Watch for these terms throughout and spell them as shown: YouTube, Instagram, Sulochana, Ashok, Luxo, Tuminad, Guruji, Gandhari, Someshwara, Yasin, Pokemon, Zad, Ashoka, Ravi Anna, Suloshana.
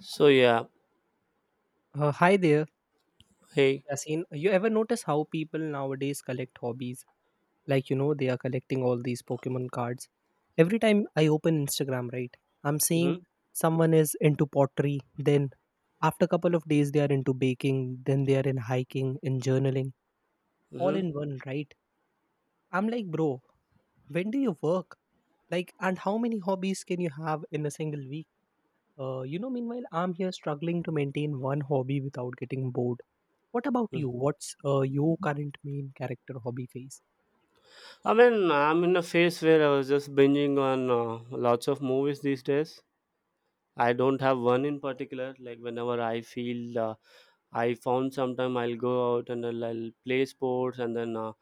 So yeah, Hi there, hey. Yasin. You ever notice how people nowadays collect hobbies? Like, you know, they are collecting all these Pokemon cards. Every time I open Instagram, right, I'm seeing Mm-hmm. someone is into pottery, then after a couple of days, they are into baking, then they are in hiking, in journaling, all Mm-hmm. in one, right? I'm like, bro, when do you work? Like, and how many hobbies can you have in a single week? You know, meanwhile, I'm here struggling to maintain one hobby without getting bored. What about Mm-hmm. you? What's your current main character hobby phase? I mean I'm in a phase where I was just binging on lots of movies these days. I don't have one in particular. Like whenever I feel I found sometime I'll go out and I'll play sports, and then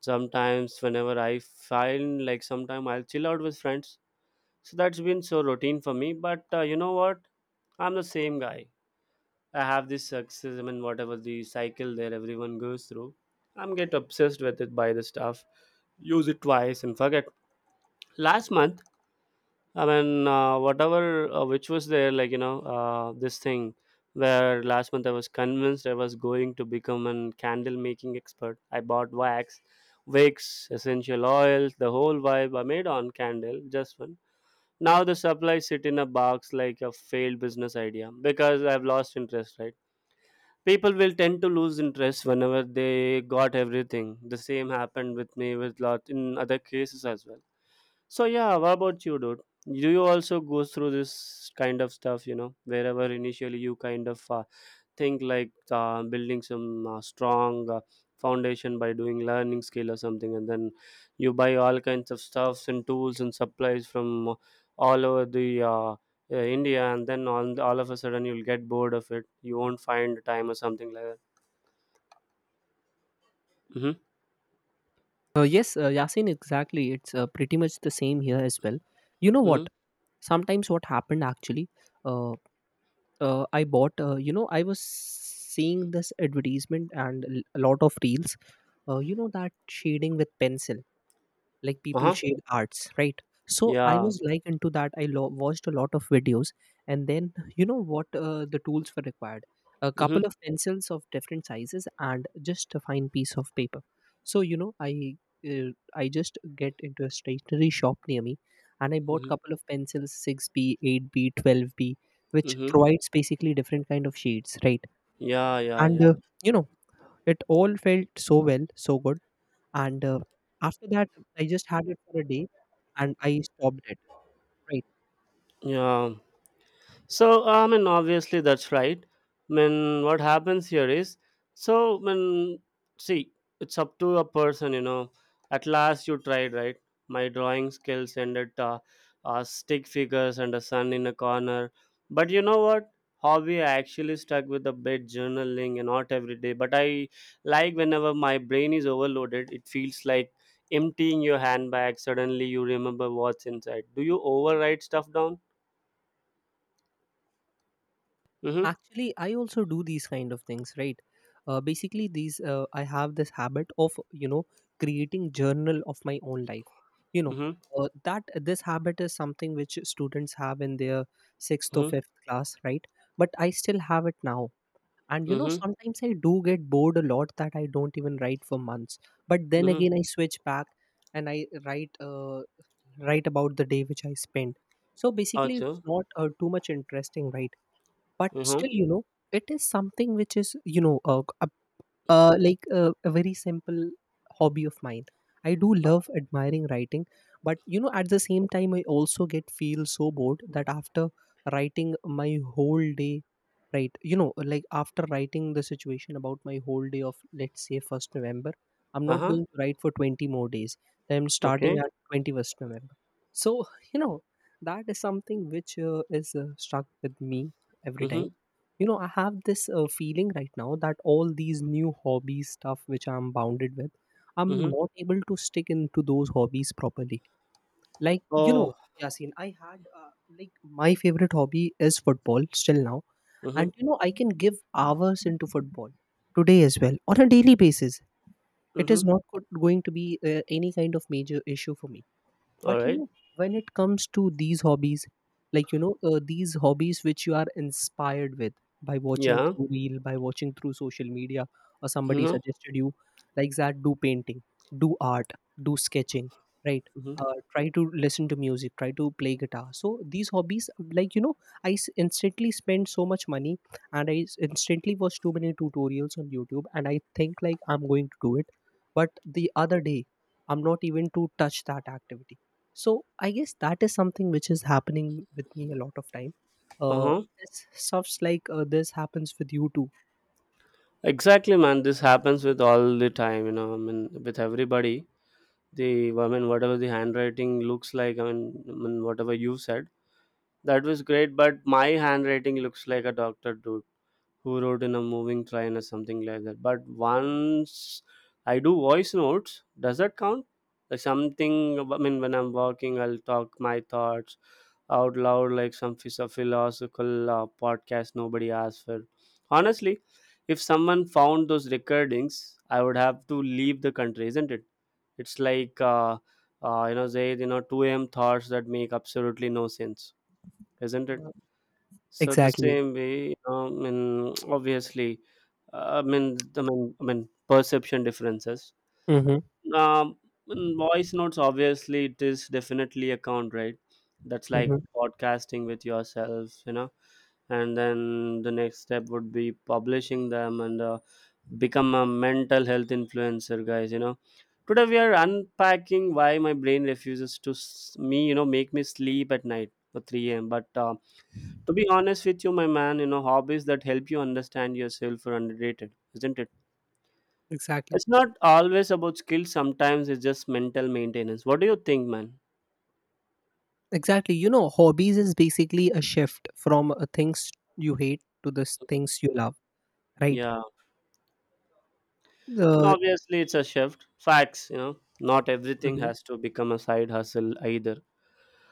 sometimes whenever I find like sometime I'll chill out with friends. So that's been so routine for me. But you know what? I'm the same guy. I have this success. I mean, whatever the cycle there, everyone goes through. I'm get obsessed with it. Buy the stuff. Use it twice and forget. Last month, I mean, whatever which was there, like you know, this thing where last month I was convinced I was going to become an candle making expert. I bought wax, wicks, essential oils, the whole vibe. I made on candle, just one. Now the supplies sit in a box like a failed business idea because I've lost interest, right? People will tend to lose interest whenever they got everything. The same happened with me with lot in other cases as well. So yeah, what about you, dude? Do you also go through this kind of stuff? You know, wherever initially you kind of think like building some strong foundation by doing learning skill or something, and then you buy all kinds of stuffs and tools and supplies from all over the India, and then all of a sudden you'll get bored of it. You won't find time or something like that. Mhm, Yes, Yasin, exactly. It's pretty much the same here as well. You know mhm. what? Sometimes what happened actually, uh, I bought, you know, I was seeing this advertisement and a lot of reels, you know, that shading with pencil. Like people Uh-huh. shade arts, right? So I Yeah. was like into that. I watched a lot of videos, and then you know what the tools were required, a couple Mhm, of pencils of different sizes and just a fine piece of paper. So you know, I just get into a stationery shop near me, and I bought mhm, couple of pencils, 6B, 8B, 12B, which mhm. provides basically different kind of shades, right? Yeah, yeah, and yeah. uh, you know, it all felt so well, so good. And after that, I just had it for a day and I stopped it. Right. Yeah. So, I mean, obviously, that's right. I mean, what happens here is so, I mean, see, it's up to a person, you know. At last, you tried, right? My drawing skills ended stick figures and a sun in a corner. But you know what? Hobby, I actually stuck with a bit journaling and not every day. But I, like whenever my brain is overloaded, it feels like emptying your handbag. Suddenly, you remember what's inside. Do you overwrite stuff down? Mm hmm. Actually, I also do these kind of things, right? Basically, these I have this habit of, you know, creating journal of my own life. You know, Mm that this habit is something which students have in their sixth or hmm. fifth class, right? But I still have it now, and you know, Mhm, sometimes I do get bored a lot that I don't even write for months. But then mhm. again, I switch back and I write. Write about the day which I spent. So basically, it's Auto. not too much interesting, right? But still, Mhm. you know, it is something which is, you know, like a very simple hobby of mine. I do love admiring writing, but you know, at the same time I also get feel so bored that after writing my whole day, right, you know, like after writing the situation about my whole day of, let's say, 1st November, I'm not Uh-huh. going to write for 20 more days. I'm starting Okay. at 21st November. So you know, that is something which is stuck with me every time. Mhm, You know, I have this feeling right now that all these new hobbies stuff which I'm bounded with, I'm mhm. not able to stick into those hobbies properly. Like, you know, Oh. Yasin, I had like, my favorite hobby is football still now, Mhm, and you know, I can give hours into football today as well on a daily basis. It is mhm. not going to be any kind of major issue for me. All But you right. know, when it comes to these hobbies, like, you know, these hobbies which you are inspired with by watching Yeah. through reel, by watching through social media, or somebody Mhm, suggested you, like that, do painting, do art, do sketching, right? mhm. Uh, try to listen to music, try to play guitar. So these hobbies, like, you know, I instantly spend so much money, and I instantly watch too many tutorials on YouTube, and I think like I'm going to do it. But the other day, I'm not even to touch that activity. So I guess that is something which is happening with me a lot of time. Uh, Uh-huh. this stuffs like, this happens with you too. Exactly, man. This happens with all the time. You know, I mean, with everybody. The I mean, whatever the handwriting looks like. I mean, whatever you said, that was great. But my handwriting looks like a doctor, dude, who wrote in a moving train or something like that. But once I do voice notes, does that count? Like something, I mean, when I'm walking, I'll talk my thoughts out loud, like some philosophical podcast nobody asked for. Honestly, if someone found those recordings, I would have to leave the country, isn't it? It's like, you know, Zaid, you know, 2 a.m. thoughts that make absolutely no sense, isn't it? Uh, So the exactly. same way, you know, I mean, obviously, I mean, I mean, perception differences. Hmm. Um, in voice notes, obviously, it is definitely a count, right? That's Hmm. like podcasting with yourself, you know. And then the next step would be publishing them and become a mental health influencer, guys. You know, today we are unpacking why my brain refuses to me, you know, make me sleep at night for 3 a.m. But to be honest with you, my man, you know, hobbies that help you understand yourself are underrated, isn't it? Exactly. It's not always about skills, sometimes it's just mental maintenance. What do you think, man? Exactly. You know, hobbies is basically a shift from things you hate to the things you love, right? Yeah. And Uh, obviously, it's a shift. Facts, you know, not everything mhm. has to become a side hustle either.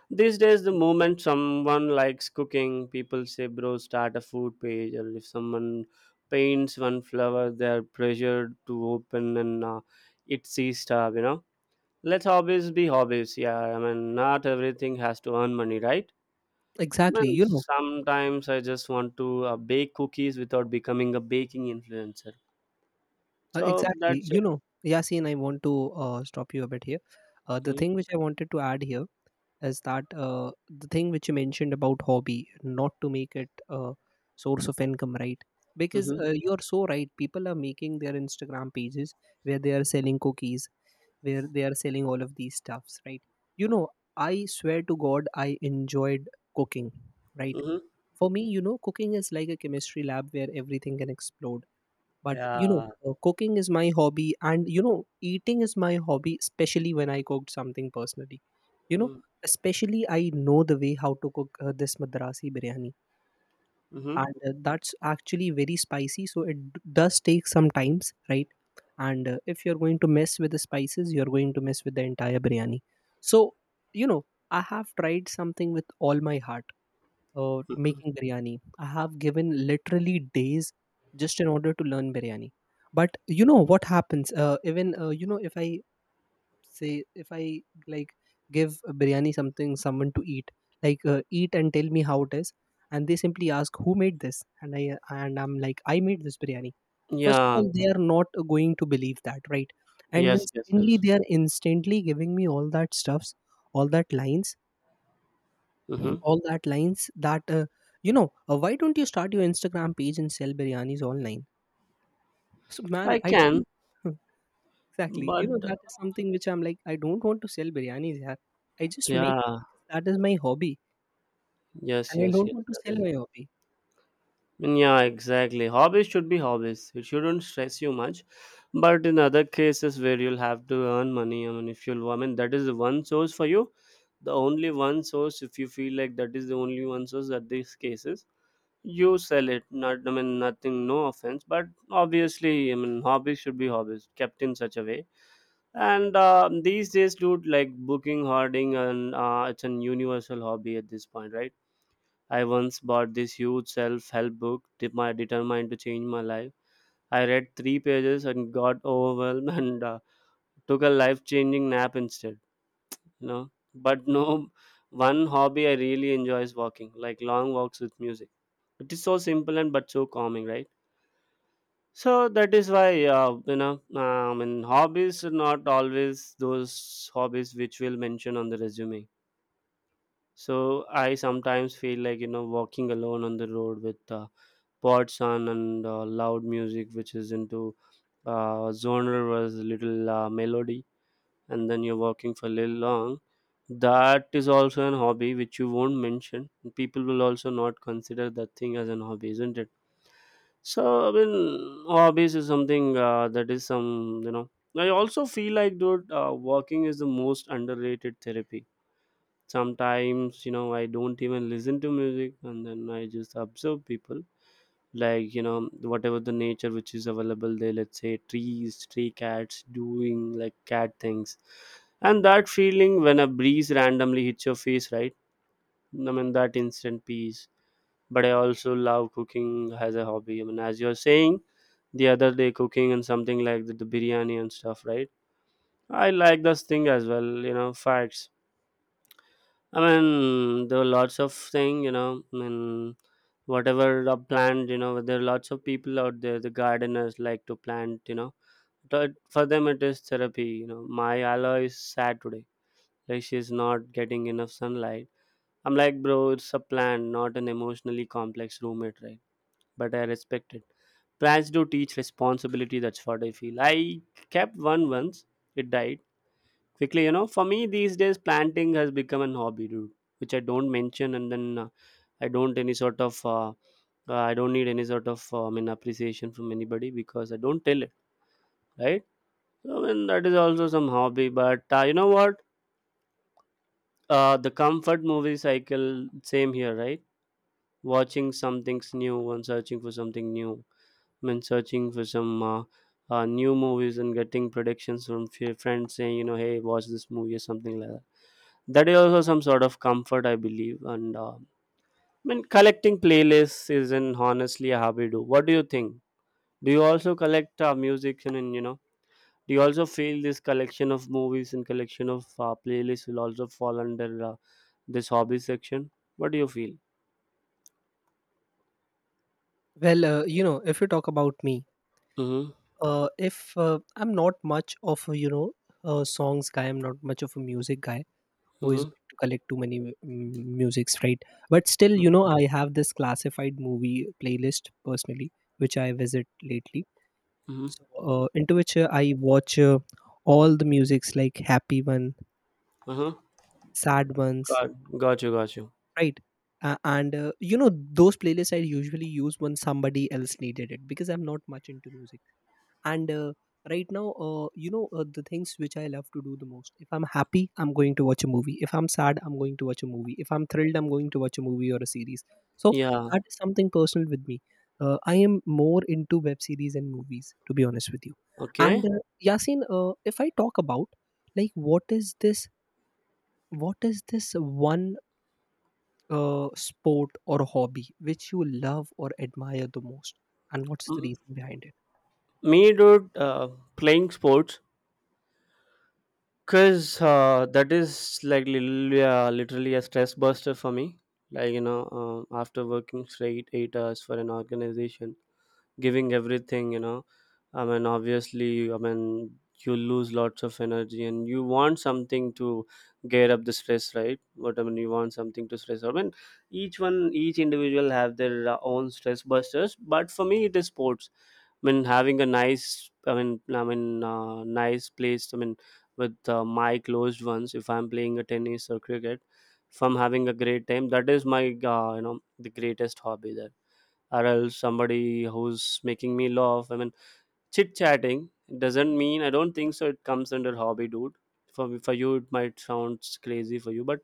These days, the moment someone likes cooking, people say, bro, start a food page, or if someone paints one flower, they're pressured to open and it's stuff, you know. Let hobbies be hobbies. Yeah, I mean, not everything has to earn money, right? I Exactly. mean, You know. sometimes I just want to bake cookies without becoming a baking influencer. So Exactly. that's You it. know, Yasin, I want to stop you a bit here. The Mm-hmm. thing which I wanted to add here is that the thing which you mentioned about hobby, not to make it a source of income, right? Because Mm-hmm. You are so right. People are making their Instagram pages where they are selling cookies, where they are selling all of these stuffs, right? You know, I swear to God, I enjoyed cooking, right? Mm-hmm. For me, you know, cooking is like a chemistry lab where everything can explode. But you know, Yeah. Cooking is my hobby, and you know, eating is my hobby, especially when I cooked something personally. You know, especially I know the way how to cook this madrasi biryani, Mm-hmm. and that's actually very spicy, so it does take some times, right? And if you're going to mess with the spices, you're going to mess with the entire biryani. So you know, I have tried something with all my heart, making biryani. I have given literally days just in order to learn biryani. But you know what happens? Even, you know, if I say, if I, like, give a biryani something someone to eat, like, eat and tell me how it is, and they simply ask who made this, and I'm like, I made this biryani. First of Yeah. all, they are not going to believe that, right? And then Yes. Yes. secondly, Yes. they are instantly giving me all that stuffs, all that lines, Mm-hmm. all that lines that, you know, why don't you start your Instagram page and sell biryanis online? So man, I I can, don't. exactly, you but know, that is something which I'm like, I don't want to sell biryanis here. I just make it yeah. because that is my hobby, and Yes. I Yes. don't Yes. want to That sell is. my hobby. Mm, yeah, exactly. Hobbies should be hobbies. It shouldn't stress you much. But in other cases where you'll have to earn money, I mean, if you'll, I mean, that is the one source for you. The only one source, if you feel like that is the only one source at these cases, you sell it. Not, I mean, nothing, no offense. But obviously, I mean, hobbies should be hobbies kept in such a way. And these days, dude, like booking, hoarding, and it's an universal hobby at this point, right? I once bought this huge self help book determined to change my life. I read three pages and got overwhelmed and took a life changing nap instead. You know, but no, one hobby I really enjoy is walking, like long walks with music. It is so simple and but so calming, right? So that is why you know, and hobbies are not always those hobbies which we'll mention on the resume. So I sometimes feel like you know walking alone on the road with. Pods on and loud music which is into genre was little melody, and then you're working for a little long. That is also an hobby which you won't mention. People will also not consider that thing as an hobby, isn't it? So I mean, hobbies is something that is some, you know. I also feel like, dude, walking is the most underrated therapy. Sometimes, you know, I don't even listen to music, and then I just observe people, like you know, whatever the nature which is available there, let's say trees, stray cats doing like cat things, and that feeling when a breeze randomly hits your face, right? I mean, that instant peace. But I also love cooking as a hobby, I mean, as you're saying, the other day, cooking, and something like the biryani and stuff, right? I like this thing as well, you know, facts. I mean, there were lots of thing, you know. I mean, whatever are planned, you know, there are lots of people out there. The gardeners like to plant, you know. But for them, it is therapy. You know, my aloe is sad today. Like she's not getting enough sunlight. I'm like, bro, it's a plant, not an emotionally complex roommate, right? But I respect it. Plants do teach responsibility. That's what I feel. I kept one once. It died quickly. You know, for me these days, planting has become an hobby, dude, which I don't mention. And then I don't any sort of I don't need any sort of I mean appreciation from anybody because I don't tell it, right? So, and that is also some hobby. But you know what, the comfort movie cycle, same here, right? Watching something's new and searching for something new. I mean, searching for some new movies and getting predictions from few friends saying you know, hey watch this movie or something like that. That is also some sort of comfort I believe. And I mean, collecting playlists is an honestly a hobby. Do, what do you think? Do you also collect music, and you know, do you also feel this collection of movies and collection of playlists will also fall under this hobby section? What do you feel? Well, you know, if you talk about me, Mm-hmm. If I'm not much of a, you know, a songs guy. I'm not much of a music guy who is Mm-hmm. going to collect too many musics, right? But still, you know, I have this classified movie playlist personally which I visit lately. Mm-hmm. So into which, I watch all the musics, like happy one, Uh-huh. sad ones, got, got you, got you. right? And you know, those playlists I usually use when somebody else needed it because I'm not much into music. And right now, you know, the things which I love to do the most, if I'm happy I'm going to watch a movie, if I'm sad I'm going to watch a movie, if I'm thrilled I'm going to watch a movie or a series. So Yeah. that is something personal with me. I am more into web series and movies, to be honest with you. Okay. And Yasin, if I talk about, like, what is this one sport or hobby which you love or admire the most, and what's the M- reason behind it? Me, dude, playing sports. Cause that is like literally, literally a stress buster for me. Like you know, after working straight 8 hours for an organization, giving everything, you know, I mean, obviously, I mean, you lose lots of energy, and you want something to gear up the stress, right? What I mean, you want something to stress. I mean, each one, each individual have their own stress busters, but for me, it is sports. I mean, having a nice, I mean, nice place. I mean, with my closed ones, if I'm playing a tennis or cricket, if I'm having a great time, that is my, you know, the greatest hobby there. Or else somebody who's making me laugh. I mean, chit chatting doesn't mean. I don't think so. It comes under hobby, dude. For you, it might sound crazy for you, but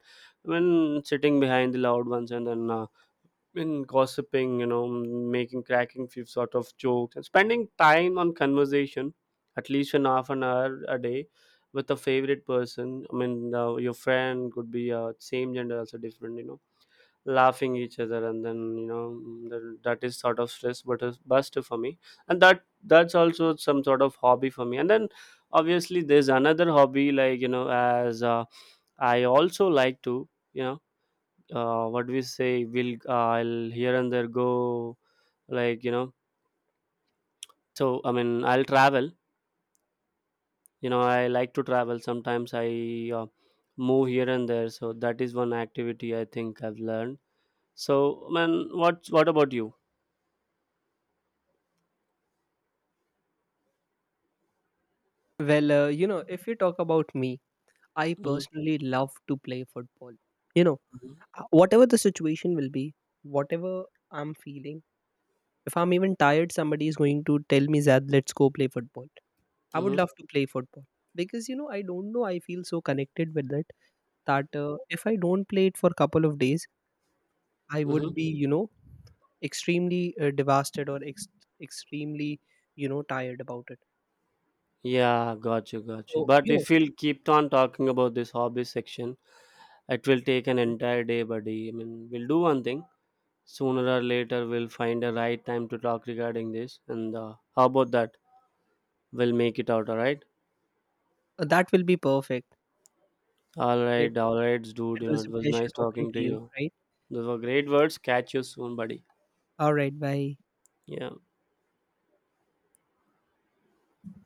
I mean, sitting behind the loud ones, and then in gossiping, you know, making cracking few sort of jokes and spending time on conversation, at least an half an hour a day, with a favorite person. I mean, your friend could be same gender, also different, you know, laughing each other, and then you know that is sort of stress but a buster for me, and that's also some sort of hobby for me. And then obviously there's another hobby like you know as I also like to you know what we say will I'll here and there go, like you know, so I mean I'll travel. You know, I like to travel, sometimes I uh, move here and there, so that is one activity I think I've learned. So, man, what about you? Well, you know, if you talk about me, I Hmm. personally love to play football. You know, whatever the situation will be, whatever I'm feeling, if I'm even tired, somebody is going to tell me, Zad, let's go play football. I would Hmm. love to play football because, you know, I don't know. I feel so connected with it that if I don't play it for a couple of days, I would Hmm. be, you know, extremely devastated, or extremely, you know, tired about it. Yeah. Got you, got you. So, But you know, if we'll keep on talking about this hobby section, it will take an mhm. entire day, buddy. I mean, we'll do one thing, sooner or later we'll find a right time to talk regarding this. And how about that? We'll make it out, all right? Uh, that will be perfect. All Right. right, all right, dude. It You know, was it a was pleasure nice talking talking to to you, you. right? Those were great words. Catch you soon, buddy. All right. Bye. Yeah.